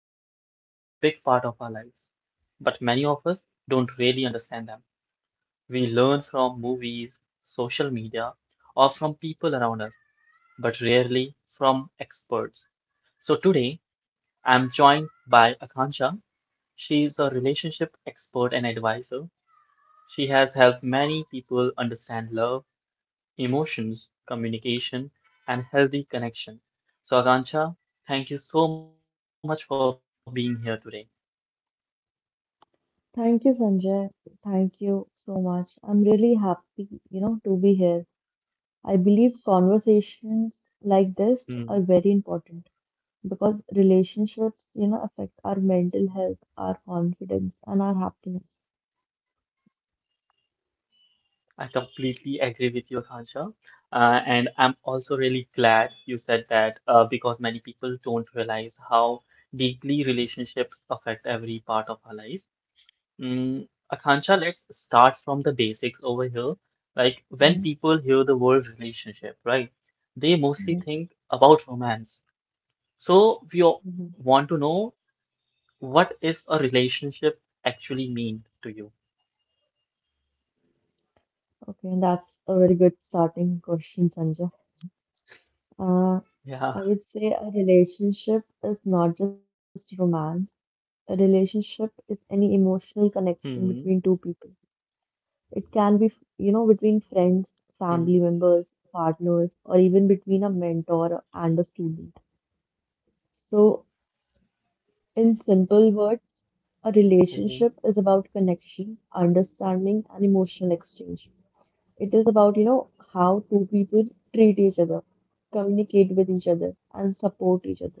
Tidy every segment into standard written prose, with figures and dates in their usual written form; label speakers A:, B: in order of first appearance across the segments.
A: Relationships are a big part of our lives, but many of us don't really understand them. We learn from movies, social media, or from people around us, but rarely from experts. So today, I'm joined by Akansha. She is a relationship expert and advisor. She has helped many people understand love, emotions, communication, and healthy connection. So, Akansha, thank you so much for being here today.
B: Thank you, Sanjay. Thank you so much. I'm really happy, to be here. I believe
A: Hmm.
B: conversations like this are very important because relationships, affect our mental health, our confidence, and our happiness.
A: I completely agree with you, Akansha. And I'm also really glad you said that because many people don't realize how deeply relationships affect every part of our life. Mm, Akansha, let's start from the basics over here. Like
B: Hmm.
A: when people hear the word relationship, right? They mostly
B: Yes.
A: think about romance. So we all
B: Mhm.
A: want to know what is a relationship actually mean to you?
B: Okay, and that's a very good starting question, Sanjay. Uh, I would
A: Yeah.
B: say a relationship is not just romance. A relationship is any
A: Hmm.
B: emotional connection between two people. It can be, between
A: Hmm.
B: friends, family members, partners, or even between a mentor and a student. So, in simple
A: Okay.
B: words, a relationship is about connection, understanding, and emotional exchange. It is about, how two people treat each other, communicate with each other, and
A: Hmm.
B: support each other.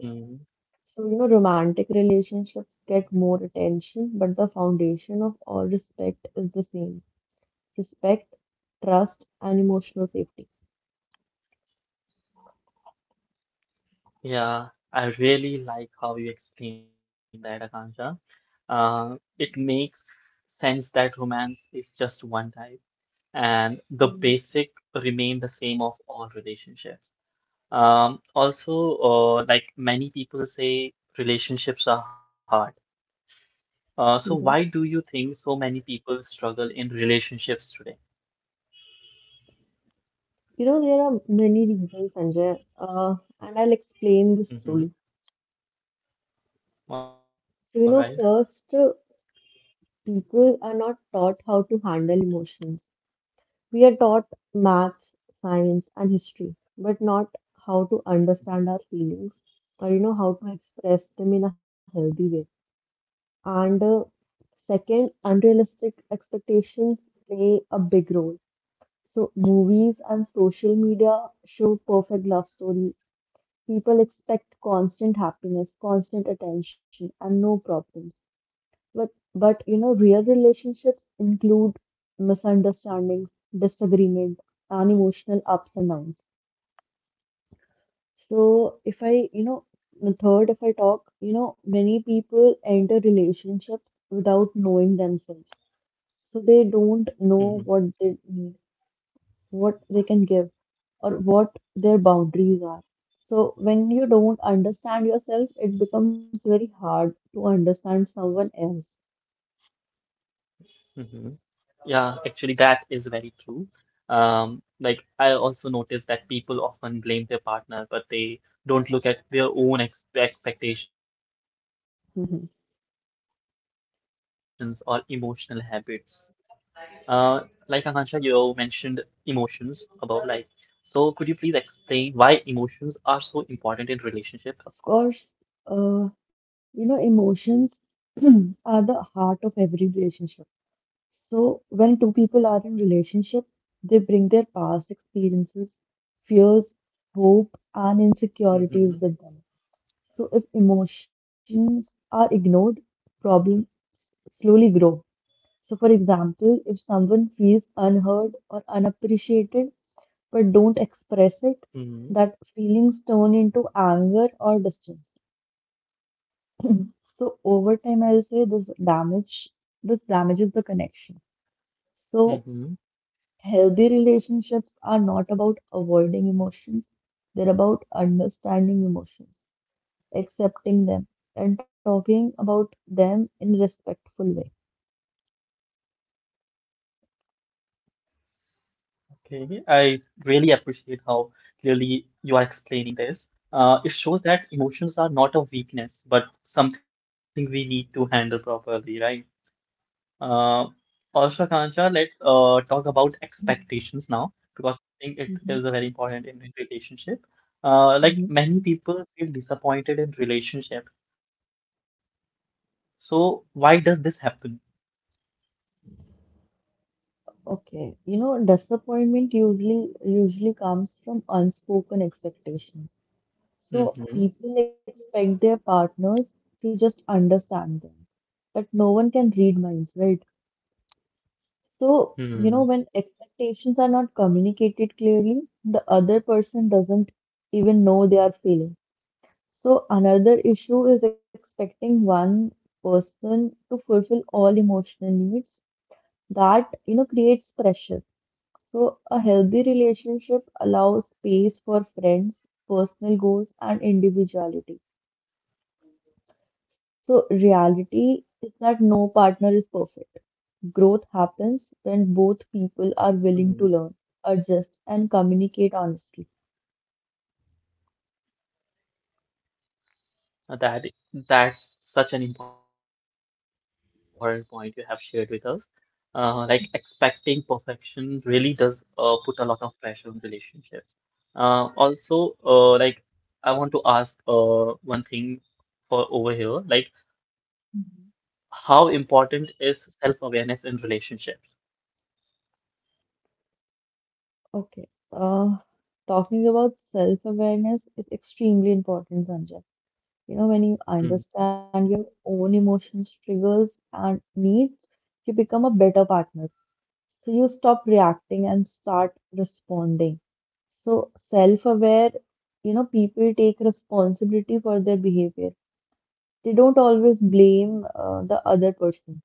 B: So, romantic relationships get more attention, but the foundation of all respect is the same respect, trust, and emotional safety.
A: Yeah. I really like how you explained that, Akansha. It makes sense that romance is just one type. And the
B: Mm,
A: basic remain the same of all relationships. Also, like many people say, relationships are hard. So
B: mhm.
A: why do you think so many people struggle in relationships today?
B: You know, there are many reasons, Sanjay, and I'll explain this slowly.
A: Mm-hmm.
B: So,
A: All right.
B: first, people are not taught how to handle emotions. We are taught maths, science, and history, but not how to understand our feelings or, how to express them in a healthy way. And second, unrealistic expectations play a big role. So, movies and social media show perfect love stories. People expect constant happiness, constant attention, and no problems. But, but you know, real relationships include misunderstandings, disagreement, and emotional ups and downs. So, if I, you know, the third, if I talk, you know, many people enter relationships without knowing themselves. So they don't know what they need,
A: Mm-hmm.
B: what they can give, or what their boundaries are. So, when you don't understand yourself, it becomes very hard to understand someone else.
A: Mm-hmm. Yeah, actually, that is very true. Like I also notice that people often blame their partner, but they don't look at their own ex
B: Mhm.
A: expectations or emotional habits. Uh, like Akansha, you mentioned emotions above, like, so could you please explain why emotions are so important in relationship?
B: Of course. You know, emotions are the heart of every relationship. So, when two people are in relationship, they bring their past experiences, fears, hope, and insecurities with them. So, if
A: Mm-hmm.
B: emotions are ignored, problems slowly grow. So, for example, if someone feels unheard or unappreciated but don't express it, that
A: Mm-hmm.
B: feelings turn into anger or distance. So, over time, I'll say this damages the connection. So, healthy
A: Mm-hmm.
B: relationships are not about avoiding emotions; they're about understanding emotions, accepting them, and talking about them in respectful way.
A: Okay. I really appreciate how clearly you are explaining this. It shows that emotions are not a weakness, but something we need to handle properly, right? Uh, also, Akansha, let's talk about expectations now because
B: Mhm.
A: I think it is a very important in relationship. Like many people feel disappointed in relationship. So why does this happen?
B: Okay, you know, disappointment usually comes from unspoken expectations. So people expect their
A: Mm-hmm.
B: partners to just understand them, but no one can read minds, right? So, you know,
A: Hmm.
B: when expectations are not communicated clearly, the other person doesn't even know they are feeling. So another issue is expecting one person to fulfill all emotional needs. That, you know, creates pressure. So a healthy relationship allows space for friends, personal goals, and individuality. So, reality is that no partner is perfect. Growth happens when both people are
A: Hmm.
B: willing to learn, adjust, and communicate honestly.
A: That that's such an important point you have shared with us. Like expecting perfection really does put a lot of pressure on relationship. Also, like I want to ask one thing for over here, like
B: Mhm.
A: how important is self-awareness in relationships?
B: Okay. Uh, Talking about self-awareness is extremely important, Sanjay. You know, when you understand your
A: Mm.
B: own emotions, triggers, and needs, you become a better partner. So you stop reacting and start responding. So self-aware, you know, people take responsibility for their behavior. They don't always blame the other person.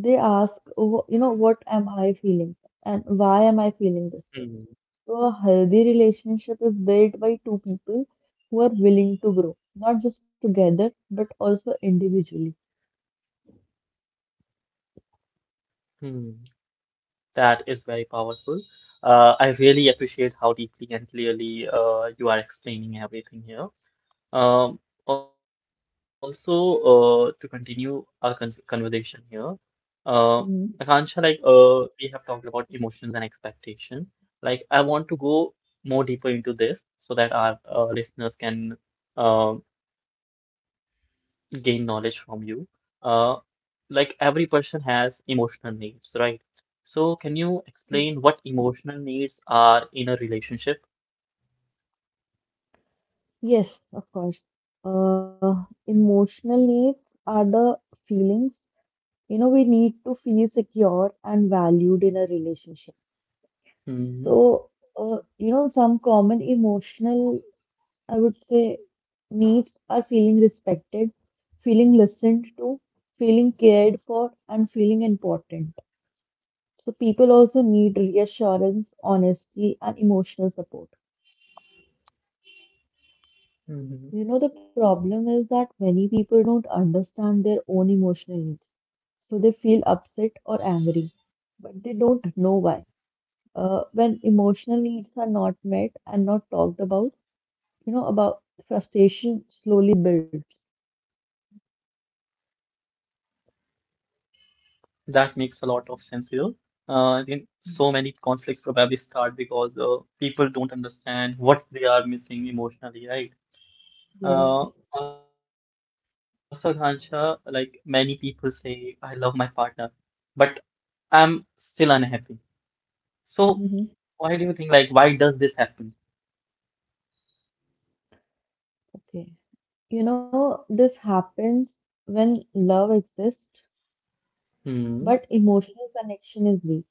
B: They ask, "Oh, you know, what am I feeling and why am I feeling this way?" So
A: Mm.
B: a healthy relationship is built by two people who are willing to grow, not just together, but also individually.
A: Mm. That is very powerful. I really appreciate how deeply and clearly you are explaining everything here. Um, also, to continue our conversation here, Uh,
B: Hmm.
A: Akansha, like we have talked about emotions and expectations. Like, I want to go more deeper into this so that our listeners can uh, gain knowledge from you. Uh, like every person has emotional needs, right? So, can you explain what emotional needs are in a relationship?
B: Yes, of course. Emotional needs are the feelings. You know, we need to feel secure and valued in a relationship. So, you know, some common emotional, I would say, needs are feeling respected, feeling listened to, feeling cared for, and feeling important. So, people also need reassurance, honesty, and emotional support. You know, the problem
A: Mm-hmm.
B: is that many people don't understand their own emotional needs. So they feel upset or angry, but they don't know why. When emotional needs are not met and not talked about, you know, about frustration slowly builds.
A: That makes a lot of sense here. I think so many conflicts probably start because people don't understand what they are missing emotionally, right?
B: Yes.
A: Uh, also, Ghansha, like many people say, I love my partner, but I'm still unhappy.
B: Hmm.
A: So, why do you think, like, why does this happen?
B: Okay. You know, this happens when love exists, but emotional
A: Hmm.
B: connection is weak.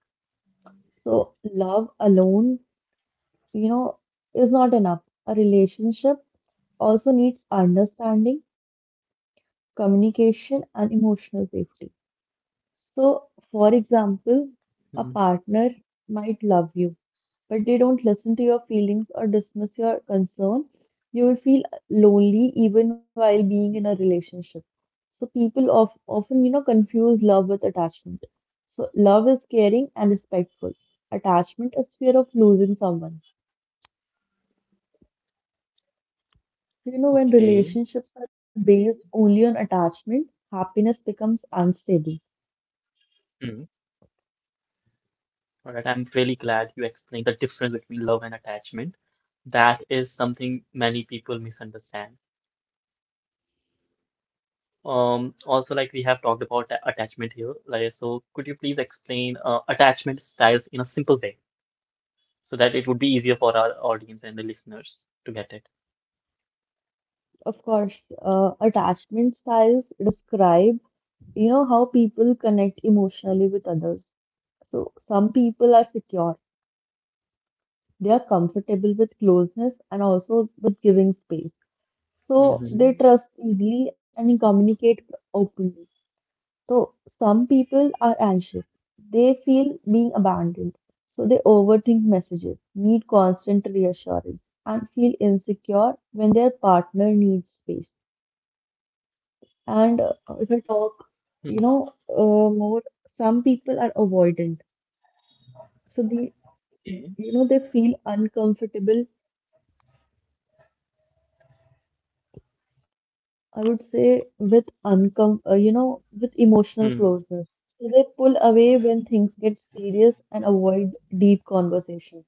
B: So love alone, you know, is not enough. A relationship also needs understanding, communication, and emotional safety. So, for example,
A: Hmm.
B: a partner might love you, but they don't listen to your feelings or dismiss your concern. You will feel lonely even while being in a relationship. So, people often, you know, confuse love with attachment. So, love is caring and respectful. Attachment is fear of losing someone. You know, when relationships are
A: Okay.
B: based only on attachment, happiness becomes unstable.
A: Hmm. All right. I'm really glad you explained the difference between love and attachment. That is something many people misunderstand. Also, like we have talked about attachment here, like so, could you please explain attachment styles in a simple way so that it would be easier for our audience and the listeners to get it?
B: Of course. Attachment styles describe, you know, how people connect emotionally with others. So some people are secure. They are comfortable with closeness and also with giving space. So they trust
A: Mm-hmm.
B: easily and communicate openly. So some people are anxious. They feel being abandoned. So they overthink messages, need constant reassurance, and feel insecure when their partner needs space. And if I
A: Hmm.
B: talk, more, some people are avoidant. So they, you know, they
A: Okay.
B: feel uncomfortable, I would say, with uncom you know, with emotional closeness. So they pull away when things get serious and avoid deep conversation.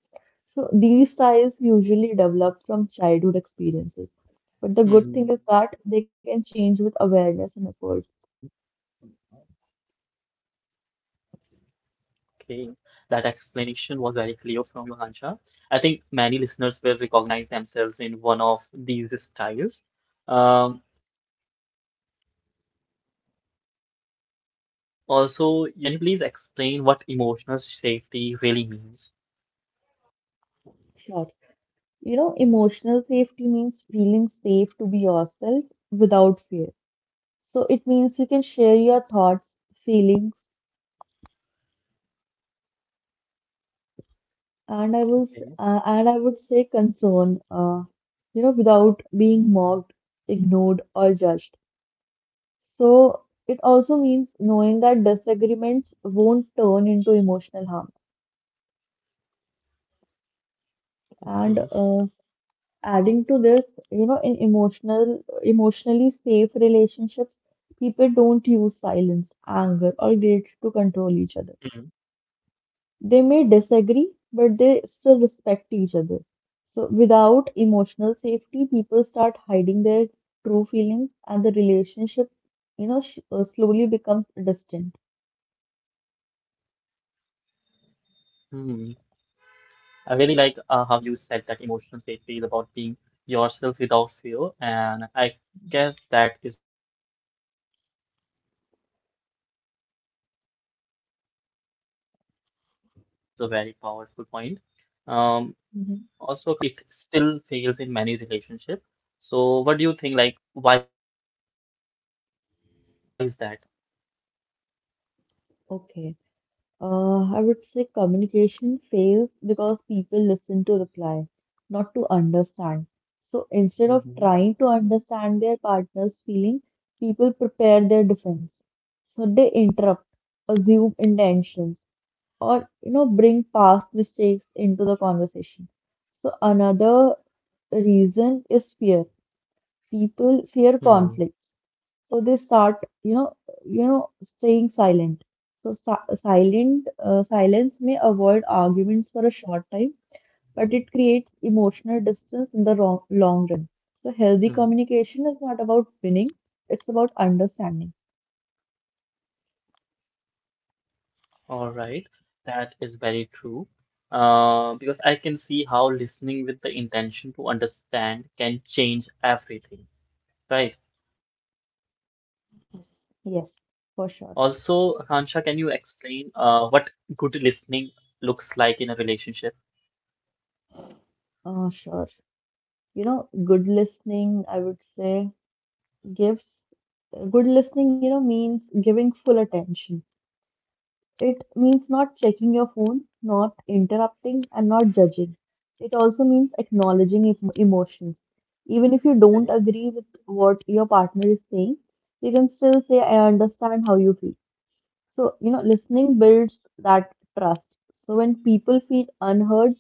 B: So these styles usually develop from childhood experiences. But the good thing is that
A: Hmm.
B: they can change with awareness and effort.
A: Okay, that explanation was very clear from you, Hanja. I think many listeners will recognize themselves in one of these styles. Um, also, you keep mentioning emotional safety. Can you please explain what emotional safety really means?
B: Sure. You know, emotional safety means feeling safe to be yourself without fear.
A: Hmm.
B: So it means you can share your thoughts, feelings,
A: Okay.
B: and I would say concern, you know, without being mocked, ignored, or judged.
A: Hmm.
B: So it also means knowing that disagreements won't turn into emotional harm. And
A: Okay.
B: adding to this, you know, in emotionally safe relationships, people don't use
A: Hmm.
B: silence, anger, or guilt to control each other. They may disagree, but they still respect each other. So, without emotional safety, people start hiding their true feelings, and the relationship, you know, slowly becomes distant.
A: Hmm. I really like how you said that emotional safety is about being yourself without fear, and I guess that is a very powerful point. Um, also, Kancha, let's talk about communication because communication is often talked about, but
B: Mhm.
A: it still fails in many relationships. So, what do you think? Like, why is that?
B: Okay. I would say communication fails because people listen to reply, not to understand. So instead of
A: Mm-hmm.
B: trying to understand their partner's feeling, people prepare their defense. So they interrupt, assume intentions, or you know bring past mistakes into the conversation. So another reason is fear. People fear conflicts, so they start you know staying silent. So silent silence may avoid arguments for a short time, but it creates emotional distance in the long run. So healthy communication is not about winning, it's about understanding.
A: All right, that is very true. Because I can see how listening with the intention to understand can change everything, right? Also, Akansha,
B: yes
A: can you
B: yes
A: explain
B: for sure.
A: what good listening looks like in a relationship?
B: Sure. You know, good listening I would say gives good listening, you know, means giving full attention. It
A: Hmm.
B: means not checking your phone, not interrupting, and not judging. It also means acknowledging
A: Okay.
B: emotions, even if you don't agree with what your partner is saying. You can still say, "I understand how you feel." So you know, listening builds
A: Hmm.
B: that trust. So when people feel unheard,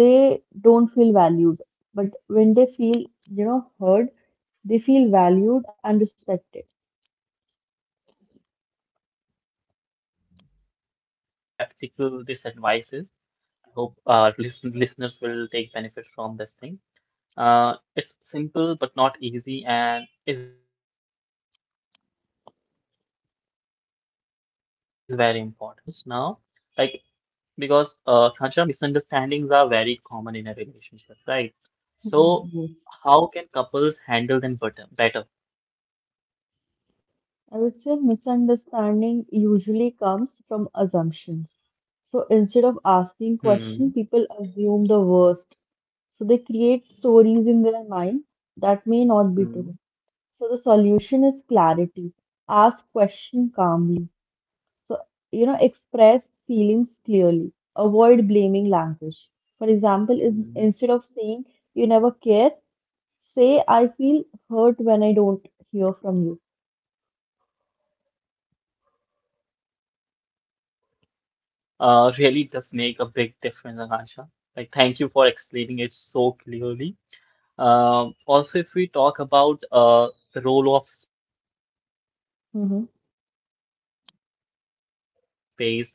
B: they don't feel valued, but when they feel, you know, heard, they feel valued and respected.
A: Hmm. I really appreciate how practical this advice is. I hope listeners will take benefit from this thing. It's simple but not easy and is very important. Also, if we talk about misunderstanding and assumptions now, like because Khansha, misunderstandings are very common in a relationship,
B: Yes.
A: right? So how can couples handle them better?
B: I would say misunderstanding usually comes from assumptions. So instead of asking questions, people assume the
A: Hmm.
B: worst. So they create stories in their mind that may not be true. So the solution is
A: Hmm.
B: clarity. Ask question calmly. So, you know, express feelings clearly. Avoid blaming language. For example, is instead of saying "you never care",
A: Hmm.
B: say, "I feel hurt when I don't hear from you."
A: Okay. That change in language really does make a big difference, Akansha. Like thank you for explaining it so clearly. Also, if we talk about
B: Mhm.
A: the role of space in relationships,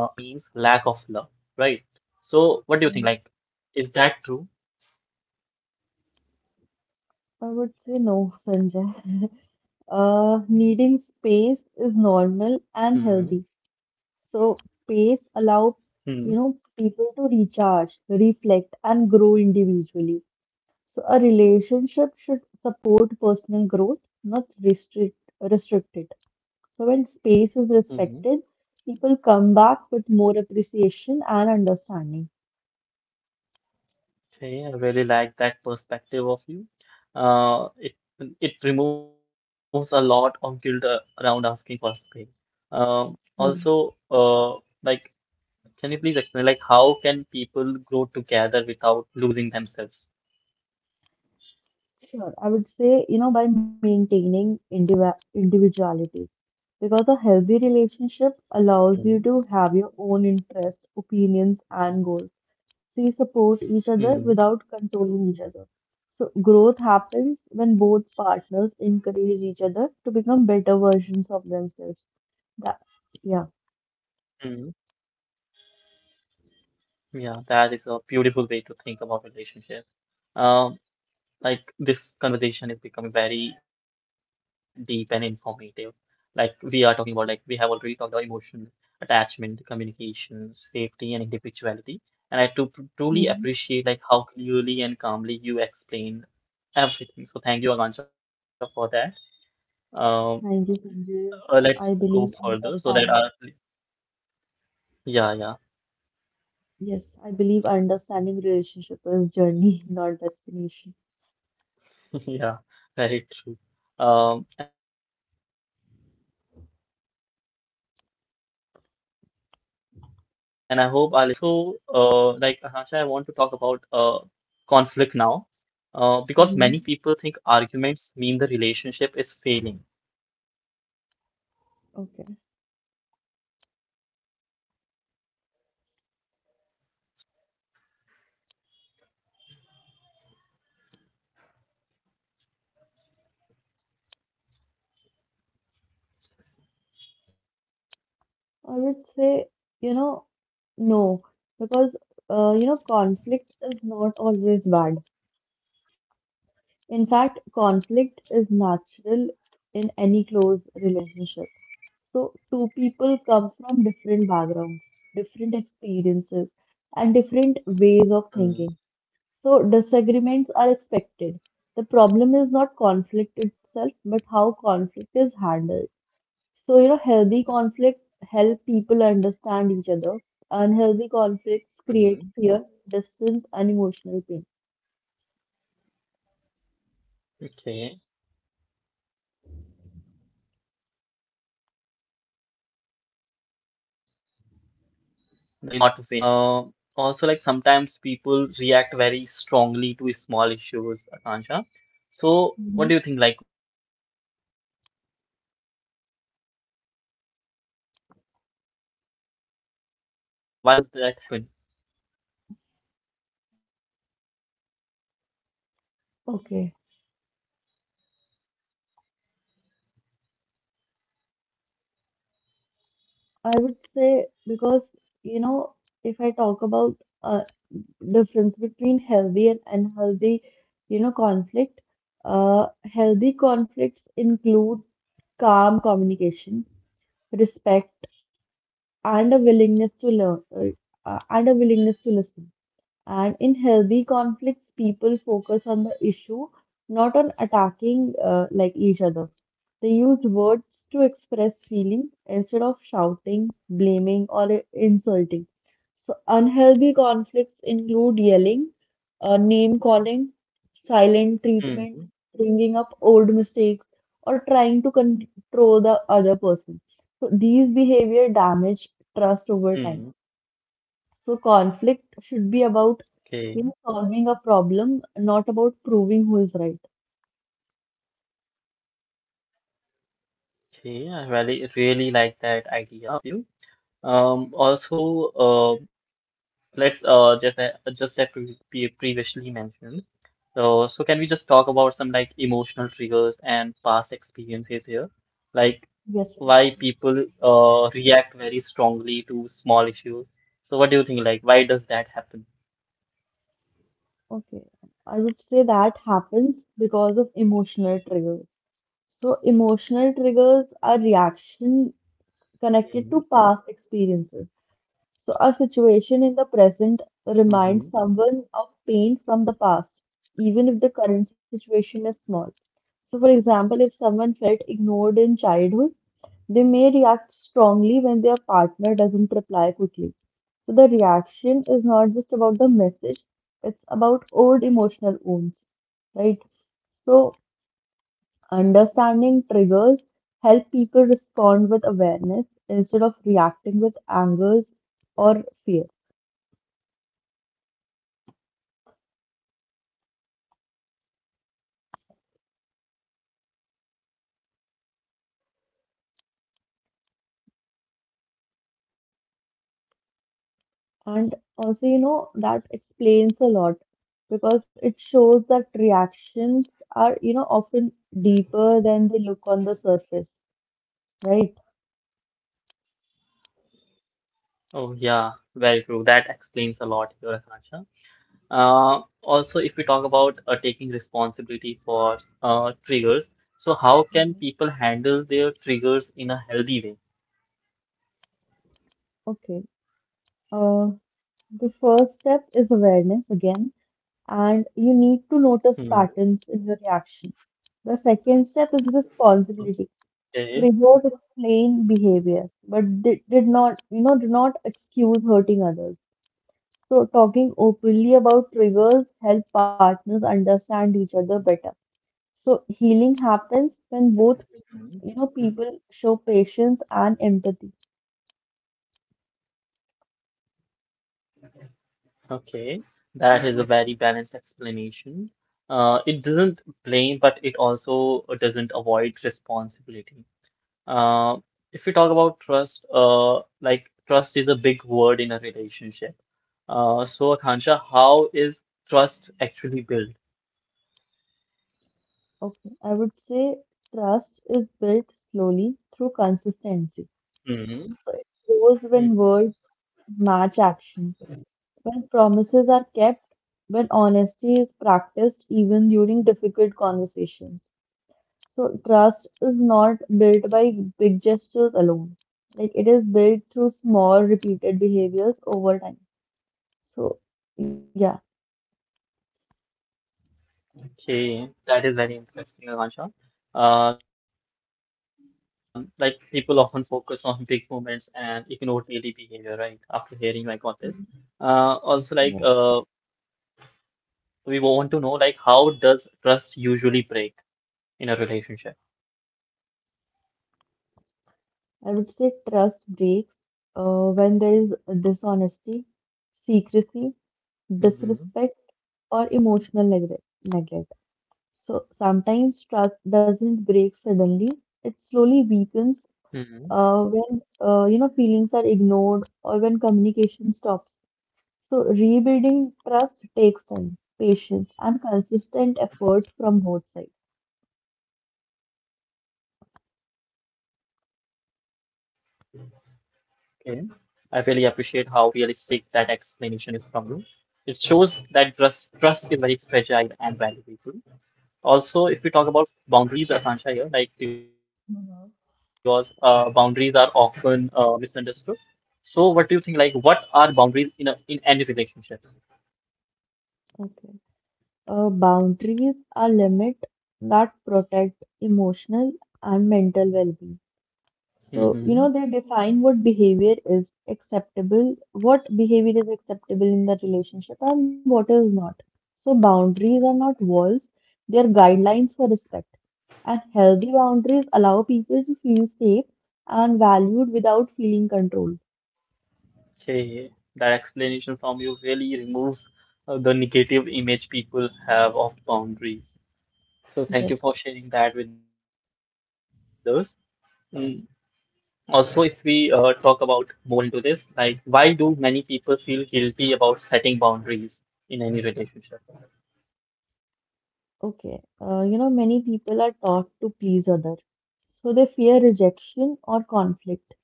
A: because some people think needing space means
B: Mhm.
A: lack of love, right? So, what do you think? Like, is that
B: I
A: true?
B: would say no, Sanjay. Needing space is normal and healthy.
A: Hmm.
B: So space allow, you know, people to recharge,
A: Hmm.
B: reflect, and grow individually. So a relationship should support personal growth, not restrict it. So when space is respected, people
A: Hmm.
B: come back with more appreciation and understanding.
A: Okay, I really like that perspective of you. Uh, it it removes a lot
B: Hmm.
A: of guilt around asking for space. Also, like, can you please explain, like, how can people grow
B: Sure, I would
A: together
B: say, you
A: without
B: know, by
A: losing
B: maintaining
A: themselves?
B: individuality, because a healthy relationship allows you to have your own interests, opinions, and goals.
A: Hmm.
B: So you support each other without controlling each other. So growth happens when both
A: Hmm.
B: partners encourage each other to become better versions of themselves. That, yeah.
A: Hmm. Yeah, that is a beautiful way to think about relationship. Um, like this conversation is becoming very deep and informative. Like we are talking about, like we have already talked about emotions,
B: Mhm.
A: attachment, communication, safety, and individuality. And I to truly appreciate like how clearly and calmly
B: Thank you,
A: you
B: Sanjay.
A: explain
B: I believe
A: everything. So thank you,
B: understanding.
A: Akansha, for that. Um, let's
B: Yes, I
A: go
B: believe
A: further so that
B: understanding
A: our.
B: relationship is journey, not
A: Yeah,
B: destination.
A: yeah. Yeah, very true. And I hope our listeners are enjoying our conversations here. Uh, also, like Asha, I
B: Mhm.
A: want to talk about conflict now because many people think
B: Okay.
A: arguments mean the relationship is failing. So, is conflict always a bad sign?
B: I would say, you know, no, because, you know, conflict is not always bad. In fact, conflict is natural in
A: Hmm.
B: any close relationship. So, two people come from different backgrounds, different experiences, and different ways of thinking.
A: Hmm.
B: So, disagreements are expected. The problem is not conflict itself, but how conflict is handled. So, you know, healthy conflict help people understand each other. Unhealthy conflicts create fear,
A: Hmm.
B: distance, and emotional pain.
A: Okay. That I really like that idea, like conflict as problem solving and not winning. Uh, also, like sometimes people react very strongly to small issues, Akansha. So,
B: Mhm.
A: what do you think? Like, why does that happen?
B: Okay, I would say because, you know, if I talk about uh, difference between healthy and unhealthy, you know, conflict, healthy conflicts include calm communication, respect, and a willingness to learn, uh, and a willingness to listen. And in healthy conflicts, people focus on the issue, not on attacking like each other. They use words to express feeling instead of shouting, blaming, or insulting. So unhealthy conflicts include yelling, name calling,
A: Hmm.
B: silent treatment, bringing up old mistakes, or trying to control the other person. So these behavior damage
A: Hmm.
B: trust over time. So conflict should be
A: Okay.
B: about you know, solving a problem, not about proving who is right.
A: Okay. I really, really like that idea of you. Also, uh, let's just that we previously mentioned. So can we just talk about some like emotional triggers and past experiences here? Like, why
B: Yes.
A: people react very strongly to small issues. So what do you think? Like, why does that happen?
B: Okay. I would say that happens because of emotional triggers. So emotional triggers are reactions connected to past experiences. So a situation in the present
A: Mm-hmm.
B: reminds someone of pain from the past, even if the current situation is small. So for example, if someone felt ignored in childhood, they may react strongly when their partner doesn't reply quickly. So the reaction is not just about the message, it's about old emotional wounds, right? So understanding triggers help people respond with awareness instead of reacting with angers or fear. And also, you know, that explains a lot because it shows that reactions are, you know, often deeper than they look on the surface, right?
A: Oh yeah, very true. That explains a lot here, Akansha. Also, if we talk about taking responsibility for triggers, so how can people
B: Mhm.
A: handle their triggers in a healthy way?
B: Okay. Uh, the first step is awareness again, and you need to notice
A: Hmm.
B: patterns in your reaction. The second step is responsibility.
A: Okay.
B: Reward explain behavior, but did not, you know, do not excuse hurting others. So talking openly about triggers help partners understand each other better. So healing happens when both, you know, people show patience and empathy.
A: Okay, that is a very balanced explanation. It doesn't blame, but it also doesn't avoid responsibility. Uh, if we talk about trust, like trust is a big word in a relationship. So, Akansha, how is trust actually built?
B: Okay, I would say trust is built slowly through consistency.
A: Hmm.
B: So it grows when
A: Hmm.
B: words match actions, when promises are kept, when honesty is practiced even during difficult conversations. So trust is not built by big gestures alone. Like it is built through small repeated behaviors over time. So yeah.
A: Okay, that is very interesting, Akansha. Like people often focus on big moments and ignore daily behavior, right? After hearing you, I got this. Uh,
B: Mhm.
A: also, like uh,
B: Yes.
A: we want to know like how does trust usually break in a relationship?
B: I would say trust breaks when there is dishonesty, secrecy,
A: Mm-hmm.
B: disrespect, or emotional neglect. So sometimes trust doesn't break suddenly. It slowly weakens
A: Hmm.
B: when you know feelings are ignored or when communication stops. So rebuilding trust takes time, patience, and consistent effort from both sides.
A: Okay. I really appreciate how realistic that explanation is from you. It shows that trust is very fragile and valuable. Also, if we talk about boundaries, Akansha here, like because boundaries are often
B: Hmm.
A: misunderstood. So, what do you think? Like, what are boundaries in any relationship?
B: Okay. Boundaries are limit that protect emotional and mental well-being. So, you know, they define what behavior is acceptable, what behavior is acceptable in that relationship and what is not. So boundaries are not walls, they are guidelines for respect. And healthy boundaries allow people to feel safe and valued without feeling controlled.
A: Okay, that explanation from you really removes the negative image people have of boundaries. So
B: Yes,
A: thank you for sharing that with us. Mm. Also, if we talk about more into this, like why do many people feel guilty about setting boundaries in any relationship?
B: okay. You know, many people are taught to please others, so they fear
A: Hmm.
B: rejection or conflict.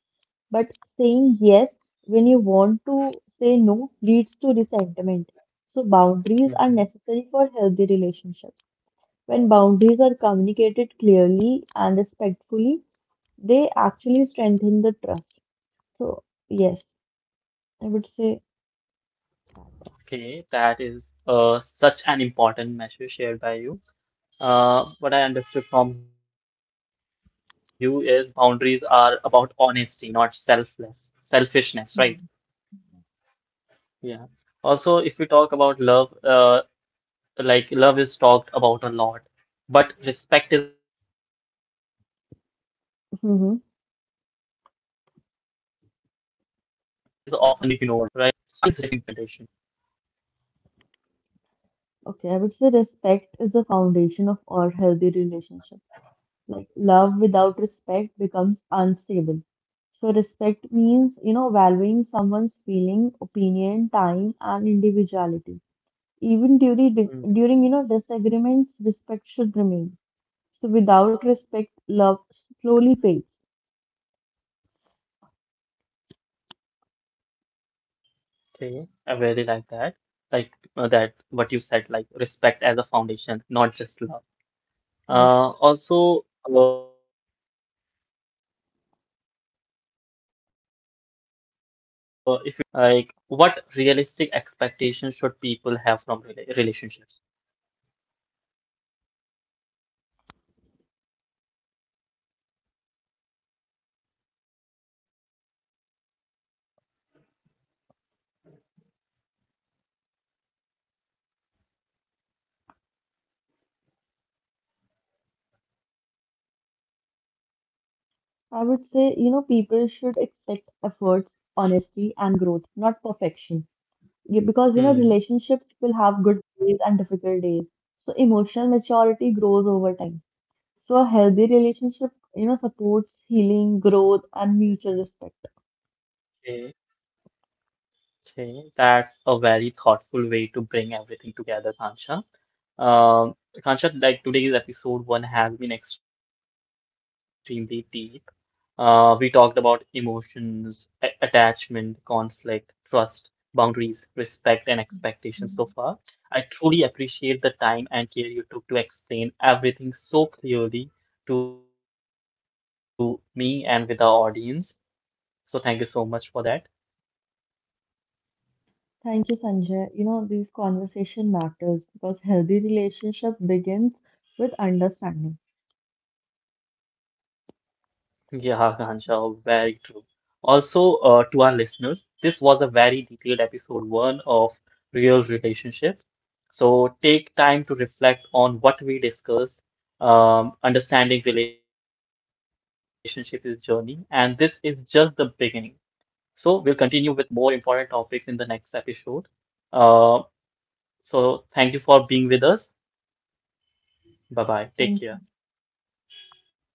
B: But saying yes when you want to say no leads to resentment. So boundaries are
A: Hmm.
B: necessary for healthy relationships. When boundaries are communicated clearly and respectfully, they actually strengthen the trust. So yes, I would say.
A: Okay, that is such an important message shared by you. What I understood from you is boundaries are about honesty, not selfishness, right?
B: Hmm.
A: Yeah. Also, if we talk about love, like love is talked about a lot, but respect is often ignored, right? So,
B: Hmm.
A: why is respect so important in a relationship?
B: Okay, I would say respect is the foundation of all healthy relationships. Like love without
A: Mm-hmm.
B: respect becomes unstable. So respect means, you know, valuing someone's feeling, opinion, time, and individuality. Even during during you
A: Mm-hmm.
B: know disagreements, respect should remain. So without respect, love slowly fades.
A: Okay, I really like that. Like, that, what you said, like respect as a foundation, not just love. Uh,
B: Yes.
A: also, uh, if we talk about realistic expectations from re relationship, like what realistic expectations should people have from relationships?
B: I would say, you know, people should expect efforts, honesty, and growth, not perfection. Yeah. Because, you know, relationships will have good
A: Hmm.
B: days and difficult days. So emotional maturity grows over time. So a healthy relationship, you know, supports
A: Okay.
B: healing, growth, and mutual respect.
A: Okay. That's a very thoughtful way to bring everything together, Kansha. Akansha, like today's episode one has been extremely deep. We talked about emotions, attachment, conflict, trust, boundaries, respect, and
B: Mhm.
A: expectations so far. I truly appreciate the time and care you took to explain everything so clearly to me and with our audience. So thank you so much for that.
B: Thank you, Sanjay. You know, this conversation matters because healthy relationship begins with understanding.
A: Yeah, Akansha, very true. Also, to our listeners, this was a very detailed episode one of Real Relationships. So take time to reflect on what we discussed. Understanding relationship is journey, and this is just the beginning. So we'll continue with more important topics in the next episode. Uh, so thank you for being with us.
B: Thank you.
A: Bye bye. Take care.